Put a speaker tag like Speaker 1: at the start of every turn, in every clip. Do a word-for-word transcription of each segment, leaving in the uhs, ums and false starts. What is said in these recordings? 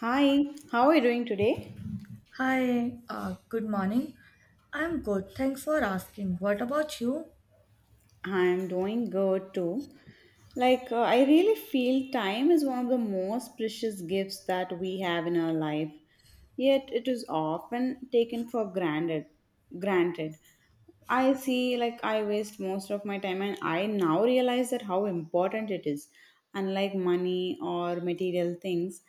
Speaker 1: Hi, how are you doing today?
Speaker 2: Hi, uh, good morning. I'm good, thanks for asking. What about you?
Speaker 1: I'm doing good too. Like, uh, I really feel time is one of the most precious gifts that we have in our life, yet it is often taken for granted granted I see, like, I waste most of my time and I now realize that how important it is. Unlike money or material things,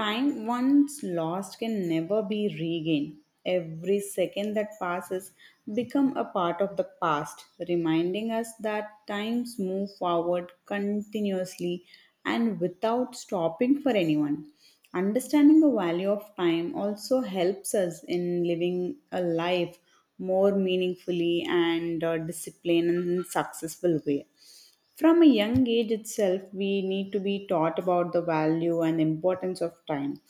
Speaker 1: time once lost can never be regained. Every second that passes become a part of the past, reminding us that times move forward continuously and without stopping for anyone. Understanding the value of time also helps us in living a life more meaningfully and uh, disciplined and successful way. From a young age itself, we need to be taught about the value and importance of time.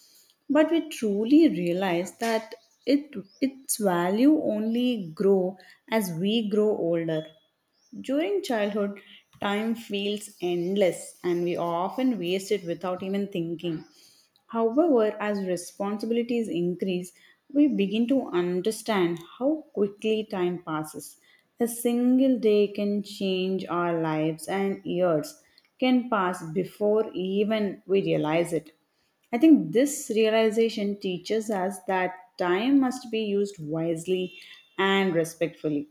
Speaker 1: But we truly realize that it, its value only grow as we grow older. During childhood, time feels endless and we often waste it without even thinking. However, as responsibilities increase, we begin to understand how quickly time passes. A single day can change our lives, and years can pass before even we realize it. I think this realization teaches us that time must be used wisely and respectfully.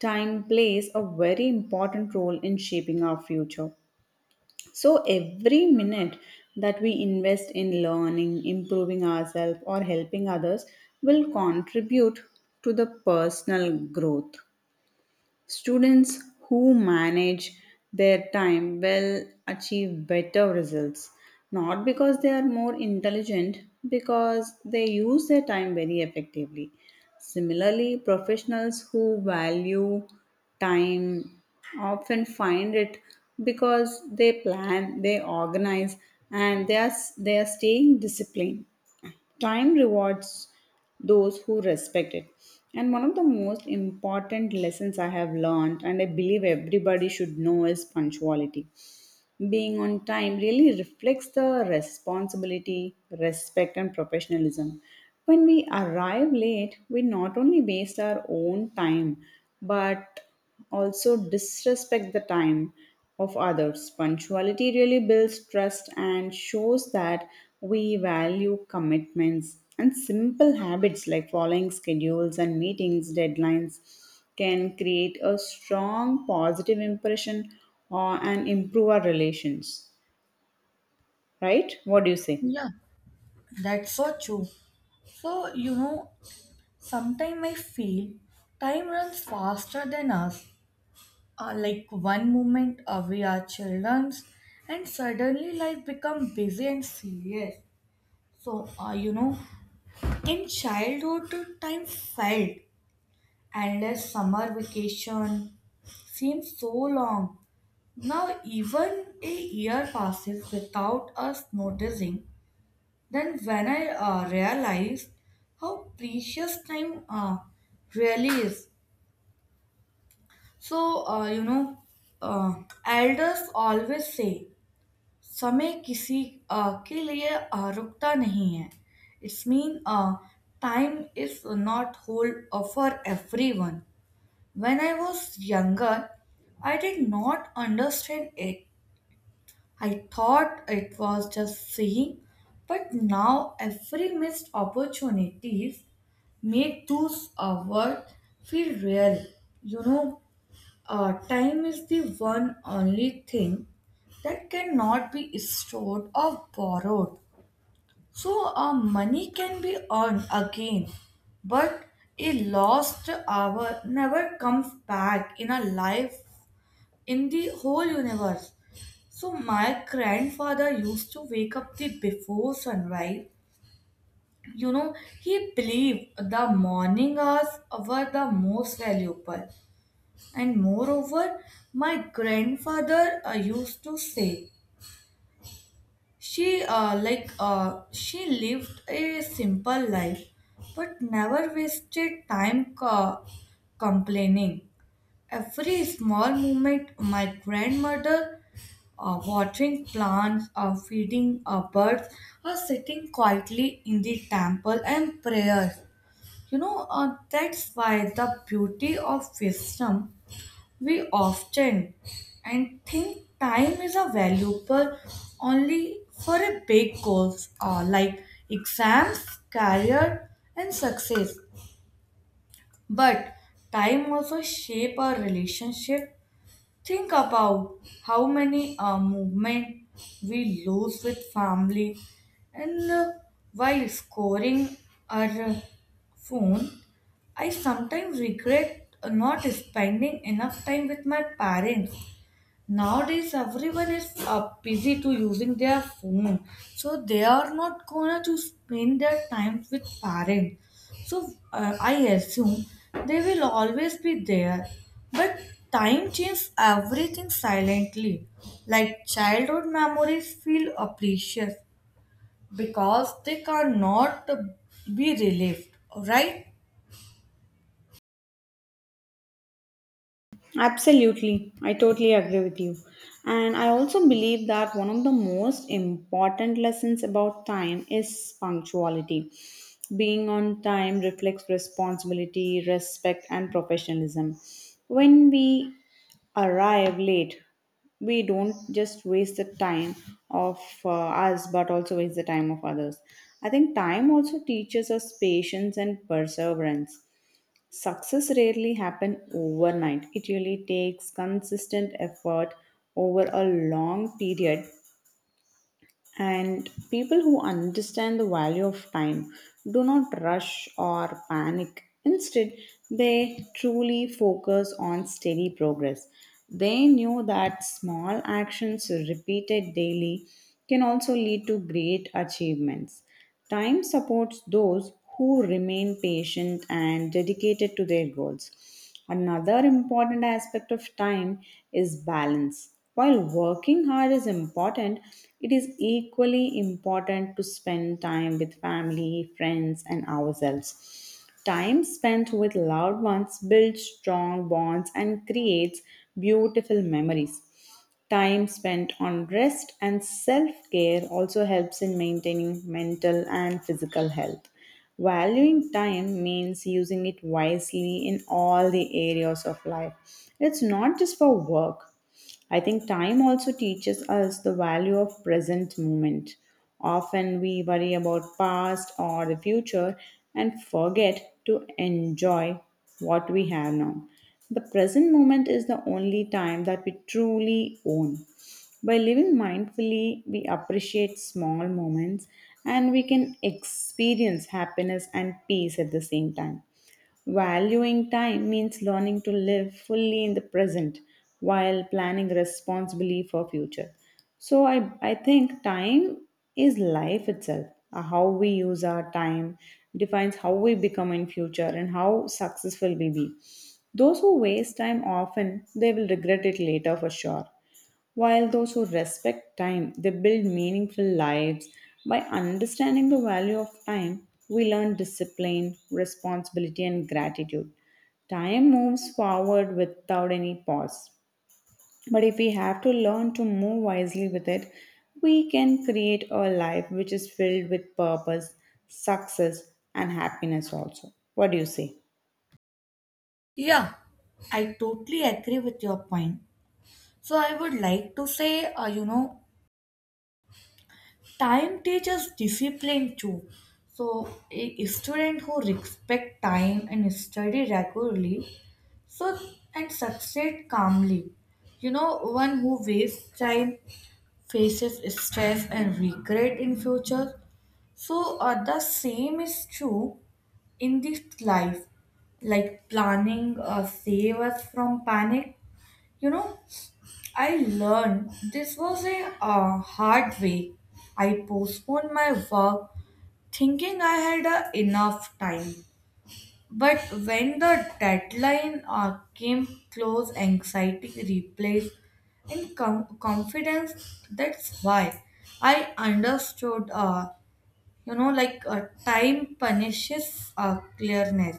Speaker 1: Time plays a very important role in shaping our future. So every minute that we invest in learning, improving ourselves, or helping others will contribute to the personal growth. Students who manage their time will achieve better results, not because they are more intelligent, because they use their time very effectively. Similarly, professionals who value time often find it because they plan, they organize, and they are, they are staying disciplined. Time rewards those who respect it. And one of the most important lessons I have learned, and I believe everybody should know, is punctuality. Being on time really reflects the responsibility, respect, and professionalism. When we arrive late, we not only waste our own time but also disrespect the time of others. Punctuality really builds trust and shows that we value commitments, and simple habits like following schedules and meetings, deadlines can create a strong positive impression or, and improve our relations. Right? What do you say?
Speaker 2: Yeah, that's so true. So, you know, sometimes I feel time runs faster than us. Uh, like one moment uh, we are children and suddenly life becomes busy and serious. So, uh, you know, in childhood, time felt endless, summer vacation seems so long. Now, even a year passes without us noticing. Then, when I uh, realized how precious time uh, really is, so uh, you know, uh, elders always say, "समय किसी uh, के लिए uh, रुकता नहीं है." It's mean uh, time is not hold uh, for everyone. When I was younger, I did not understand it. I thought it was just seeing, but now every missed opportunities make those hours feel real. You know, uh, time is the one only thing that cannot be stored or borrowed. So, uh, money can be earned again, but a lost hour never comes back in a life, in the whole universe. So my grandfather used to wake up the before sunrise. You know, he believed the morning hours were the most valuable. And moreover, my grandfather uh, used to say, she uh, like uh, she lived a simple life, but never wasted time uh, complaining. Every small moment my grandmother uh, watering plants, uh, feeding uh, birds, or sitting quietly in the temple and prayers. You know, uh, that's why the beauty of wisdom, we often and think time is a valuable only for a big goals uh, like exams, career, and success. But time also shape our relationship. Think about how many uh, movement we lose with family and uh, while scoring our uh, phone. I sometimes regret not spending enough time with my parents. Nowadays, everyone is uh, busy to using their phone, so they are not gonna to spend their time with parents. So uh, I assume they will always be there, but time changes everything silently. Like childhood memories feel uh, precious because they cannot be relived, right?
Speaker 1: Absolutely, I totally agree with you. And I also believe that one of the most important lessons about time is punctuality. Being on time reflects responsibility, respect, and professionalism. When we arrive late, we don't just waste the time of uh, us, but also waste the time of others. I think time also teaches us patience and perseverance. Success rarely happen overnight. It really takes consistent effort over a long period. And people who understand the value of time do not rush or panic. Instead, they truly focus on steady progress. They knew that small actions repeated daily can also lead to great achievements. Time supports those who remain patient and dedicated to their goals. Another important aspect of time is balance. While working hard is important, it is equally important to spend time with family, friends, and ourselves. Time spent with loved ones builds strong bonds and creates beautiful memories. Time spent on rest and self care also helps in maintaining mental and physical health. Valuing time means using it wisely in all the areas of life. It's not just for work. I think time also teaches us the value of present moment. Often we worry about past or the future and forget to enjoy what we have now. The present moment is the only time that we truly own. By living mindfully, we appreciate small moments and we can experience happiness and peace at the same time. Valuing time means learning to live fully in the present while planning responsibly for future. So I, I think time is life itself. Uh, How we use our time defines how we become in future and how successful we be. Those who waste time often they will regret it later for sure. While those who respect time, they build meaningful lives. By understanding the value of time, we learn discipline, responsibility, and gratitude. Time moves forward without any pause. But if we have to learn to move wisely with it, we can create a life which is filled with purpose, success, and happiness also. What do you say?
Speaker 2: Yeah, I totally agree with your point. So I would like to say, uh, you know, time teaches discipline too. So a a student who respect time and study regularly, so and succeed calmly. You know, one who wastes time faces stress and regret in future. So uh, the same is true in this life, like planning uh, save us from panic. You know, I learned this was a uh, hard way. I postponed my work thinking I had uh, enough time. But when the deadline uh, came close, anxiety replaced in com- confidence. That's why I understood. Uh, you know, like uh, time punishes uh, clearness.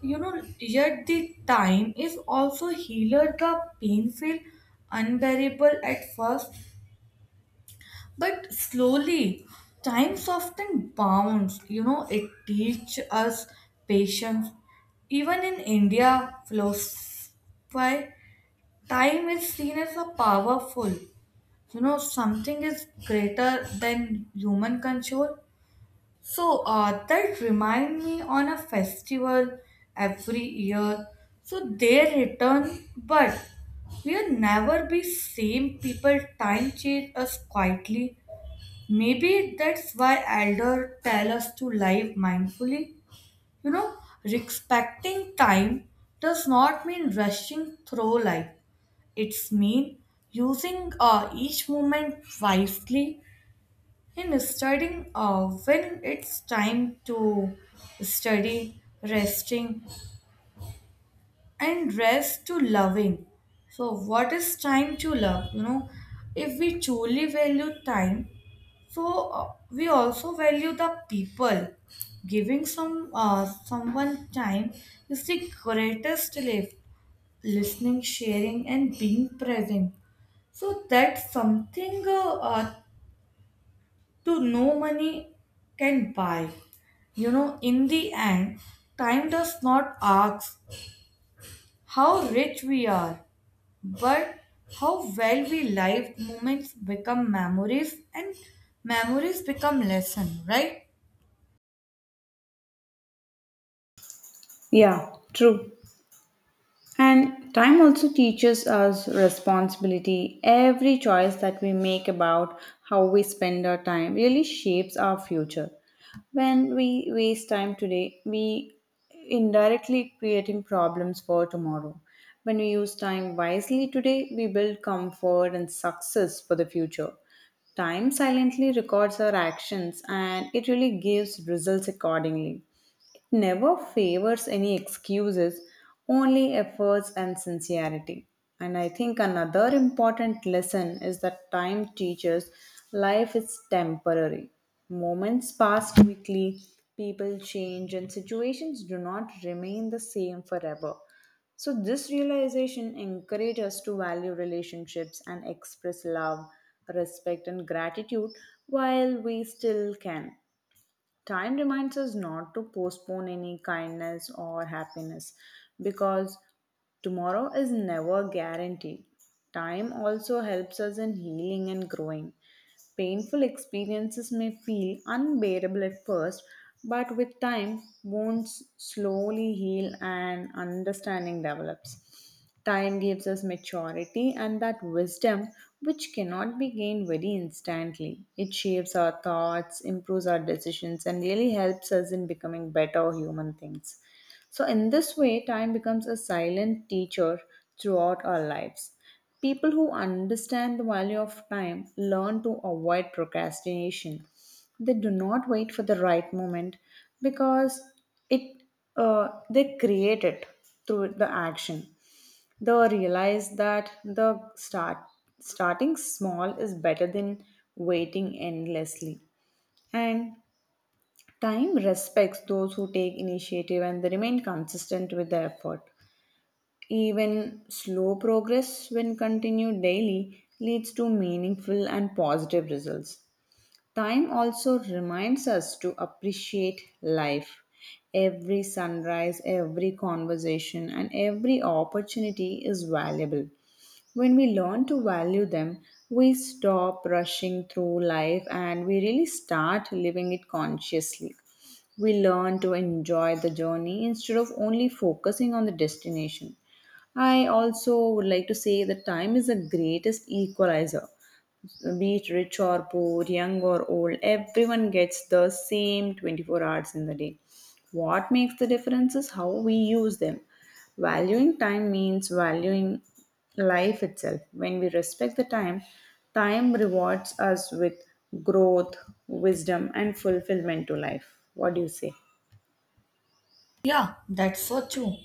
Speaker 2: You know, yet the time is also healer. The pain feel unbearable at first, but slowly, time softened bounds. You know, it teach us patience. Even in India, philosophy, time is seen as a powerful. You know, something is greater than human control. So uh, that remind me on a festival every year. So they return, but we'll never be same people. Time change us quietly. Maybe that's why elder tell us to live mindfully. You know, respecting time does not mean rushing through life. It's mean using uh, each moment wisely, in studying uh, when it's time to study, resting, and rest to loving. So, what is time to love? You know, if we truly value time, so uh, we also value the people. Giving some uh, someone time is the greatest gift. Listening, sharing, and being present, so that's something uh, uh, to no money can buy. You know, in the end, time does not ask how rich we are, but how well we live. Moments become memories and memories become lesson, right?
Speaker 1: Yeah, true. And time also teaches us responsibility. Every choice that we make about how we spend our time really shapes our future. When we waste time today, we indirectly creating problems for tomorrow. When we use time wisely today, we build comfort and success for the future. Time silently records our actions and it really gives results accordingly, never favors any excuses, only efforts and sincerity. And I think another important lesson is that time teaches life is temporary. Moments pass quickly, people change, and situations do not remain the same forever. So, this realization encourages us to value relationships and express love, respect, and gratitude while we still can. Time reminds us not to postpone any kindness or happiness because tomorrow is never guaranteed. Time also helps us in healing and growing. Painful experiences may feel unbearable at first, but with time, wounds slowly heal and understanding develops. Time gives us maturity and that wisdom which cannot be gained very instantly. It shapes our thoughts, improves our decisions, and really helps us in becoming better human things. So, in this way, time becomes a silent teacher throughout our lives. People who understand the value of time learn to avoid procrastination. They do not wait for the right moment because it uh, they create it through the action. They realize that the start starting small is better than waiting endlessly. And time respects those who take initiative and they remain consistent with their effort. Even slow progress, when continued daily, leads to meaningful and positive results. Time also reminds us to appreciate life. Every sunrise, every conversation, and every opportunity is valuable. When we learn to value them, we stop rushing through life and we really start living it consciously. We learn to enjoy the journey instead of only focusing on the destination. I also would like to say that time is the greatest equalizer. Be it rich or poor, young or old, everyone gets the same twenty-four hours in the day. What makes the difference is how we use them. Valuing time means valuing life itself. When we respect the time, time rewards us with growth, wisdom, and fulfillment to life. What do you say?
Speaker 2: Yeah, that's so true.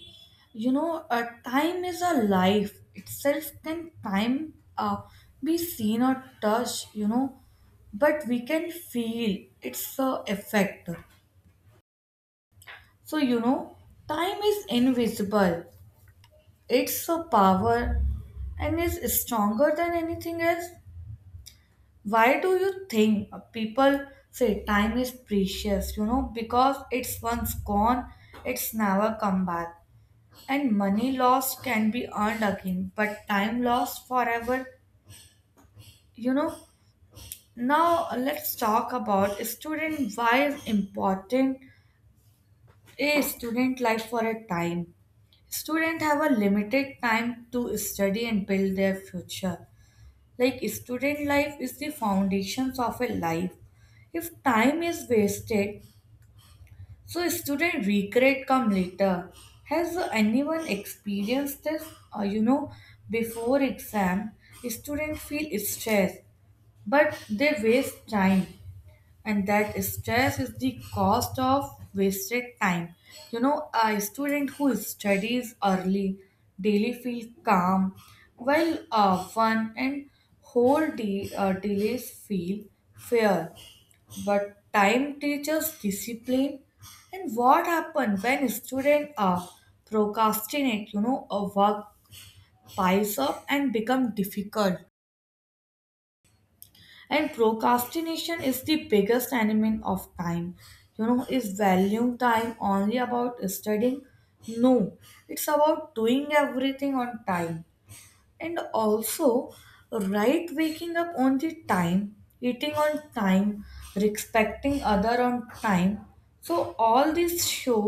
Speaker 2: You know, uh, time is a life itself. Can time uh, be seen or touched? You know, but we can feel its uh, effect. So you know, time is invisible. It's a power, and is stronger than anything else. Why do you think uh, people say time is precious? You know, because it's once gone, it's never come back. And money lost can be earned again, but time lost forever, you know. Now let's talk about student, why is important a student life for a time. Student have a limited time to study and build their future. Like student life is the foundations of a life. If time is wasted, so student regret come later. Has anyone experienced this? Uh, you know, before exam, students feel stress, but they waste time, and that stress is the cost of wasted time. You know, a student who studies early daily feel calm, while uh, fun and whole day uh, delays feel fair. But time teaches discipline. And what happens when students are procrastinate? You know, a work piles up and become difficult. And procrastination is the biggest enemy of time. You know, is valuing time only about studying? No, it's about doing everything on time. And also, right, waking up on the time, eating on time, respecting other on time, so all these show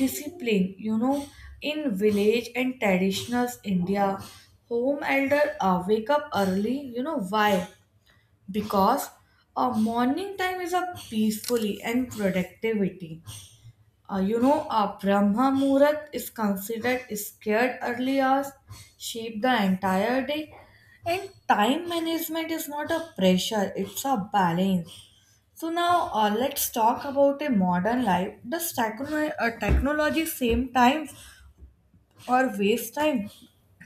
Speaker 2: discipline. You know, in village and traditional India, home elder uh, wake up early. You know why? Because a morning time is a peacefully and productivity. Uh, you know, a Brahma Murat is considered scared, early hours shape the entire day. And time management is not a pressure, it's a balance. So now uh, let's talk about a modern life. Does techno- uh, technology same time or waste time?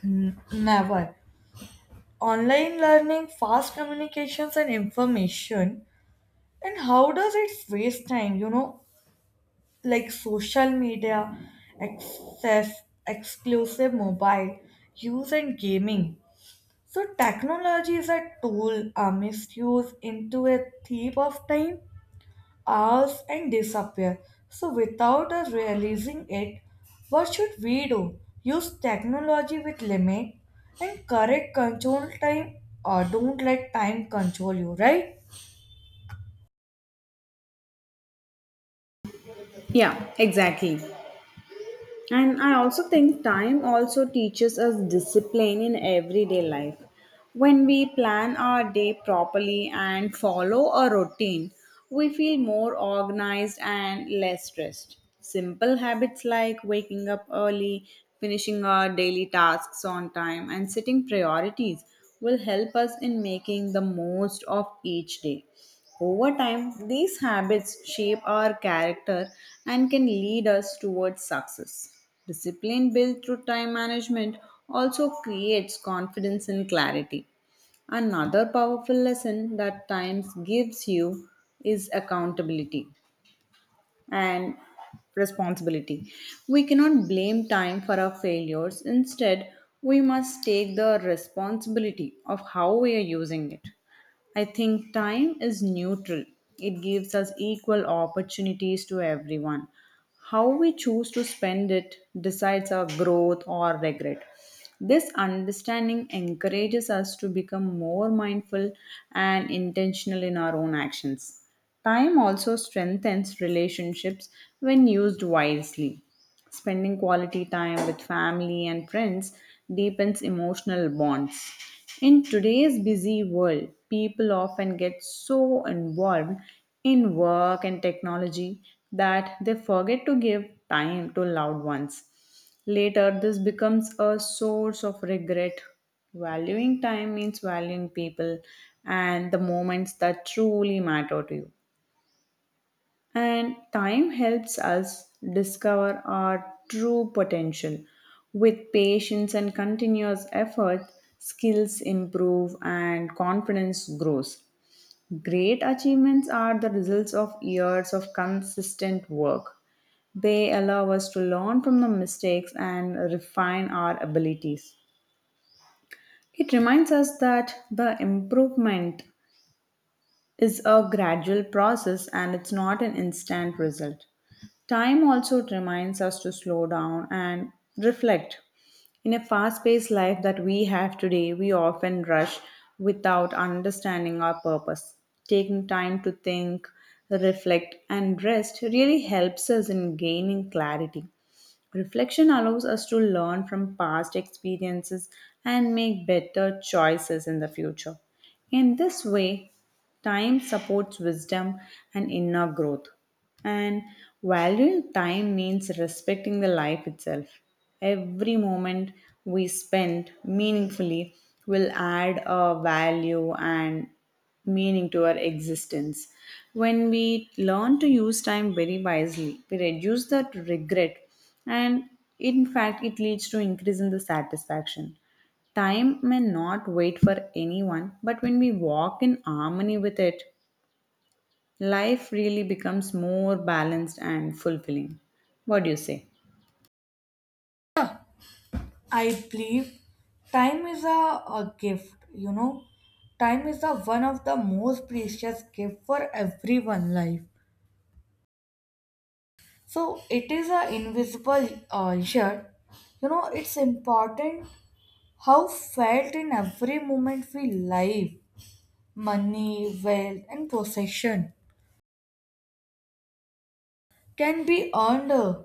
Speaker 2: N- never. Online learning, fast communications and information. And how does it waste time, you know? Like social media access, exclusive mobile use, and gaming. So, technology is a tool. A misused into a thief of time, hours, and disappear. So, without us realizing it, what should we do? Use technology with limit and correct control time, or don't let time control you, right?
Speaker 1: Yeah, exactly. And I also think time also teaches us discipline in everyday life. When we plan our day properly and follow a routine, we feel more organized and less stressed. Simple habits like waking up early, finishing our daily tasks on time, and setting priorities will help us in making the most of each day. Over time, these habits shape our character and can lead us towards success. Discipline built through time management also creates confidence and clarity. Another powerful lesson that times gives you is accountability and responsibility. We cannot blame time for our failures. Instead, we must take the responsibility of how we are using it. I think time is neutral. It gives us equal opportunities to everyone. How we choose to spend it decides our growth or regret. This understanding encourages us to become more mindful and intentional in our own actions. Time also strengthens relationships when used wisely. Spending quality time with family and friends deepens emotional bonds. In today's busy world, people often get so involved in work and technology that they forget to give time to loved ones. Later, this becomes a source of regret. Valuing time means valuing people and the moments that truly matter to you. And time helps us discover our true potential. With patience and continuous effort, skills improve and confidence grows. Great achievements are the results of years of consistent work. They allow us to learn from the mistakes and refine our abilities. It reminds us that the improvement is a gradual process and it's not an instant result. Time also reminds us to slow down and reflect. In a fast paced life that we have today, we often rush without understanding our purpose. Taking time to think, reflect, and rest really helps us in gaining clarity. Reflection allows us to learn from past experiences and make better choices in the future. In this way, time supports wisdom and inner growth. And valuing time means respecting the life itself. Every moment we spend meaningfully will add a value and meaning to our existence. When we learn to use time very wisely, we reduce that regret and in fact it leads to increase in the satisfaction. Time may not wait for anyone, but when we walk in harmony with it, life really becomes more balanced and fulfilling. What do you say?
Speaker 2: I believe time is a, a gift, you know. Time is a one of the most precious gift for everyone life. So it is a invisible uh, shirt. You know, it's important how felt in every moment we live, money, wealth and possession can be earned uh,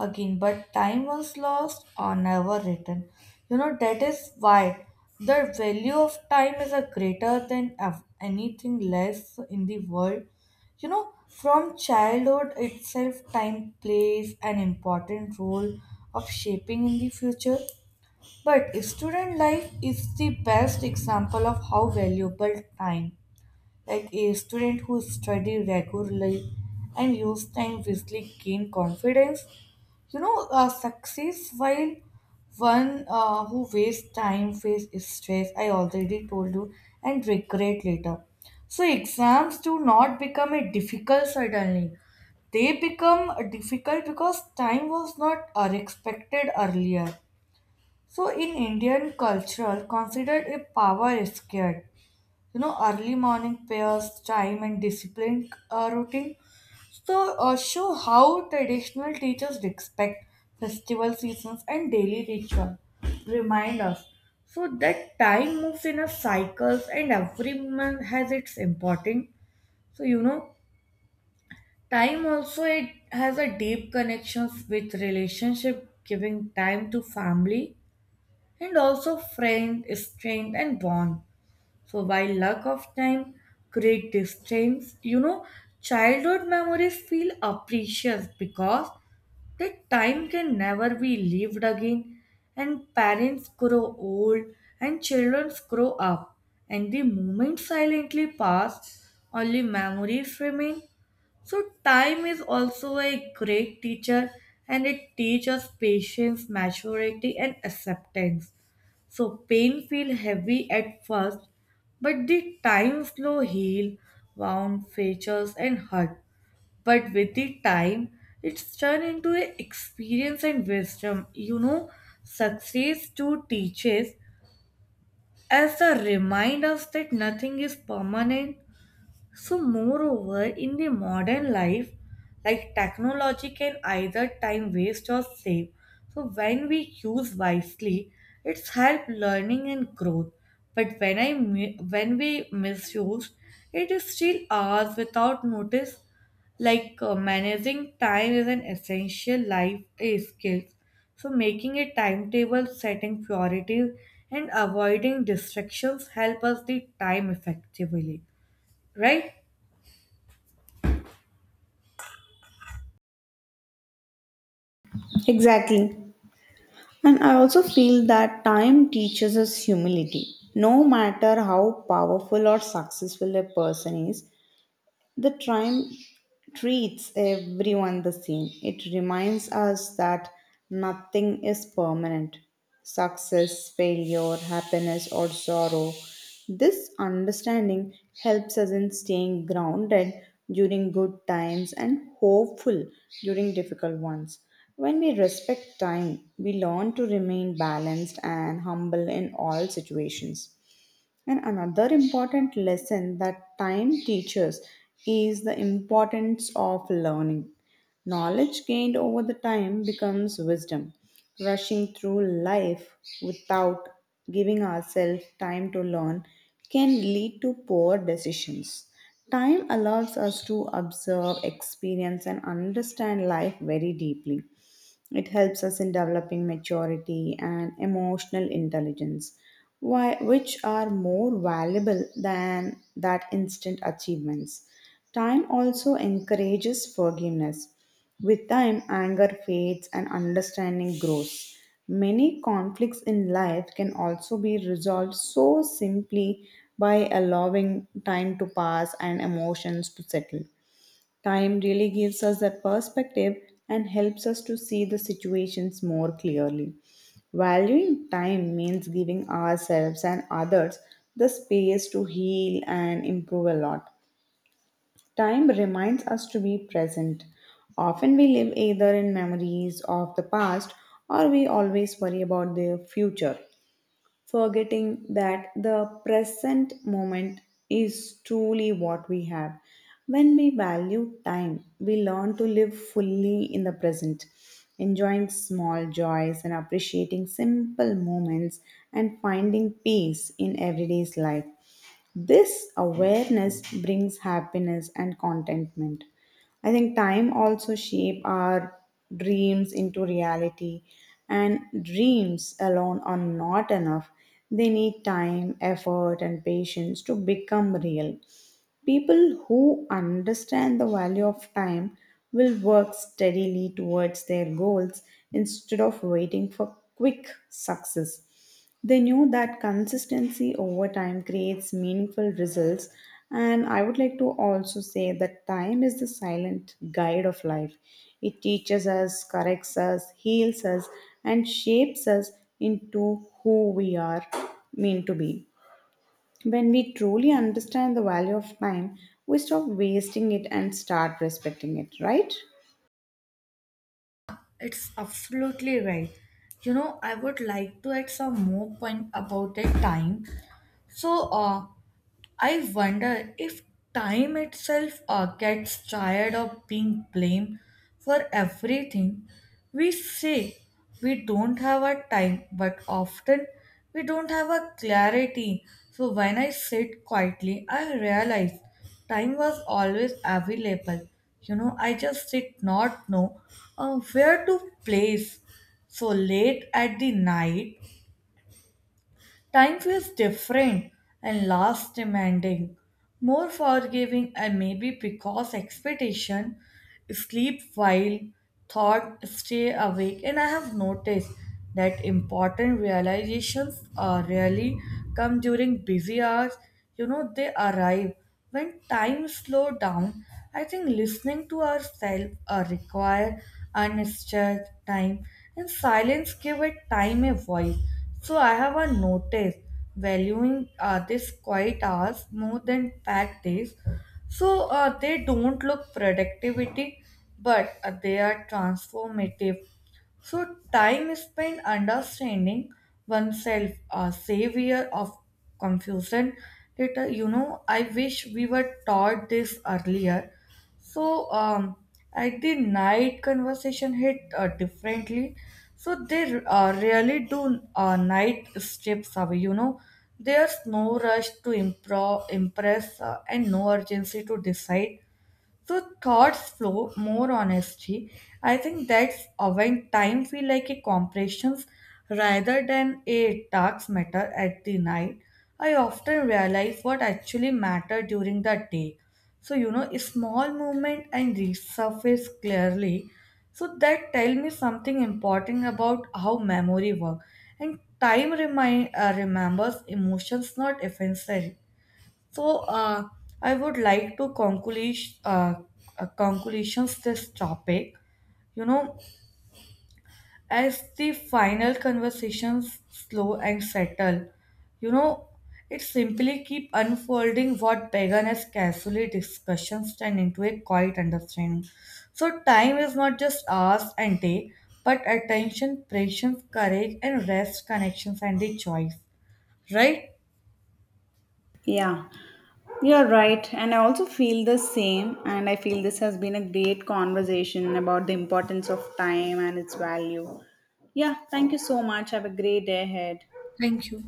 Speaker 2: again, but time once lost or never returned. You know, that is why the value of time is a greater than of anything less in the world. You know, from childhood itself, time plays an important role of shaping in the future. But student life is the best example of how valuable time, like a student who study regularly and use time wisely gain confidence. You know, uh, success, while one uh, who wastes time face stress. I already told you, and regret later. So exams do not become a difficult suddenly. They become difficult because time was not uh, expected earlier. So in Indian culture, considered a power scared. You know, early morning prayers time and disciplined uh, routine, so uh, show how traditional teachers respect festival seasons and daily ritual remind us. So that time moves in a cycles and every month has its importance. So you know, time also it has a deep connections with relationship. Giving time to family and also friend strength and bond, so while lack of time create distance, you know, childhood memories feel precious because that time can never be lived again, and parents grow old, and children grow up, and the moments silently pass, only memories remain. So, time is also a great teacher, and it teaches patience, maturity, and acceptance. So pain feel heavy at first, but the time slow heal wound features and hurt, but with the time it's turned into a experience and wisdom. You know, success too teaches as a remind us that nothing is permanent. So, moreover, in the modern life, like technology can either time waste or save. So, when we use wisely, it's help learning and growth. But when I mi- when we misuse, it is still ours without notice. Like uh, managing time is an essential life eh, skill. So, making a timetable, setting priorities, and avoiding distractions help us the time effectively, right?
Speaker 1: Exactly. And I also feel that time teaches us humility. No matter how powerful or successful a person is, the time treats everyone the same. It reminds us that nothing is permanent: success, failure, happiness, or sorrow. This understanding helps us in staying grounded during good times and hopeful during difficult ones. When we respect time, we learn to remain balanced and humble in all situations. And another important lesson that time teaches is the importance of learning. Knowledge gained over the time becomes wisdom. Rushing through life without giving ourselves time to learn can lead to poor decisions. Time allows us to observe, experience, and understand life very deeply. It helps us in developing maturity and emotional intelligence, why which are more valuable than that instant achievements. Time also encourages forgiveness. With time, anger fades and understanding grows. Many conflicts in life can also be resolved so simply by allowing time to pass and emotions to settle. Time really gives us that perspective and helps us to see the situations more clearly. Valuing time means giving ourselves and others the space to heal and improve a lot. Time reminds us to be present. Often we live either in memories of the past or we always worry about the future, forgetting that the present moment is truly what we have. When we value time, we learn to live fully in the present, enjoying small joys and appreciating simple moments and finding peace in everyday's life. This awareness brings happiness and contentment. I think time also shape our dreams into reality, and dreams alone are not enough. They need time, effort and patience to become real. People who understand the value of time will work steadily towards their goals instead of waiting for quick success. They know that consistency over time creates meaningful results, and I would like to also say that time is the silent guide of life. It teaches us, corrects us, heals us, and shapes us into who we are meant to be. When we truly understand the value of time, we stop wasting it and start respecting it, right?
Speaker 2: It's absolutely right. You know, I would like to add some more point about that time, so, uh, I wonder if time itself uh, gets tired of being blamed for everything. We say we don't have a time, but often we don't have a clarity. So, when I sit quietly, I realize time was always available. You know, I just did not know uh, where to place. So late at the night, time feels different and less demanding, more forgiving, and maybe because expectation sleep while thought stay awake, and I have noticed that important realizations uh, rarely come during busy hours. You know, they arrive when time slow down. I think listening to ourselves uh, require undisturbed time, and silence give it time a voice. So I have a notice valuing uh, these quiet hours more than packed days. So uh, they don't look productivity, but uh, they are transformative. So time spent understanding oneself, a savior of confusion. Later, you know, I wish we were taught this earlier. So um, at the night, conversation hit uh, differently. So they uh, really do. Uh, night strips away. You know, there's no rush to impro- impress uh, and no urgency to decide. So thoughts flow more honestly. I think that's uh, when time feel like a compressions rather than a task matter at the night. I often realize what actually matter during the day. So you know, a small movement and resurface clearly. So that tell me something important about how memory work. And time remind uh, remembers emotions, not offenses. So uh, I would like to conclude uh, uh, conclusions this topic. You know, as the final conversations slow and settle, you know, it simply keep unfolding what began as casually discussions turn into a quiet understanding. So time is not just hours and day, but attention, patience, courage, and rest, connections and the choice, right?
Speaker 1: Yeah, you're right. And I also feel the same. And I feel this has been a great conversation about the importance of time and its value. Yeah, thank you so much. Have a great day ahead.
Speaker 2: Thank you.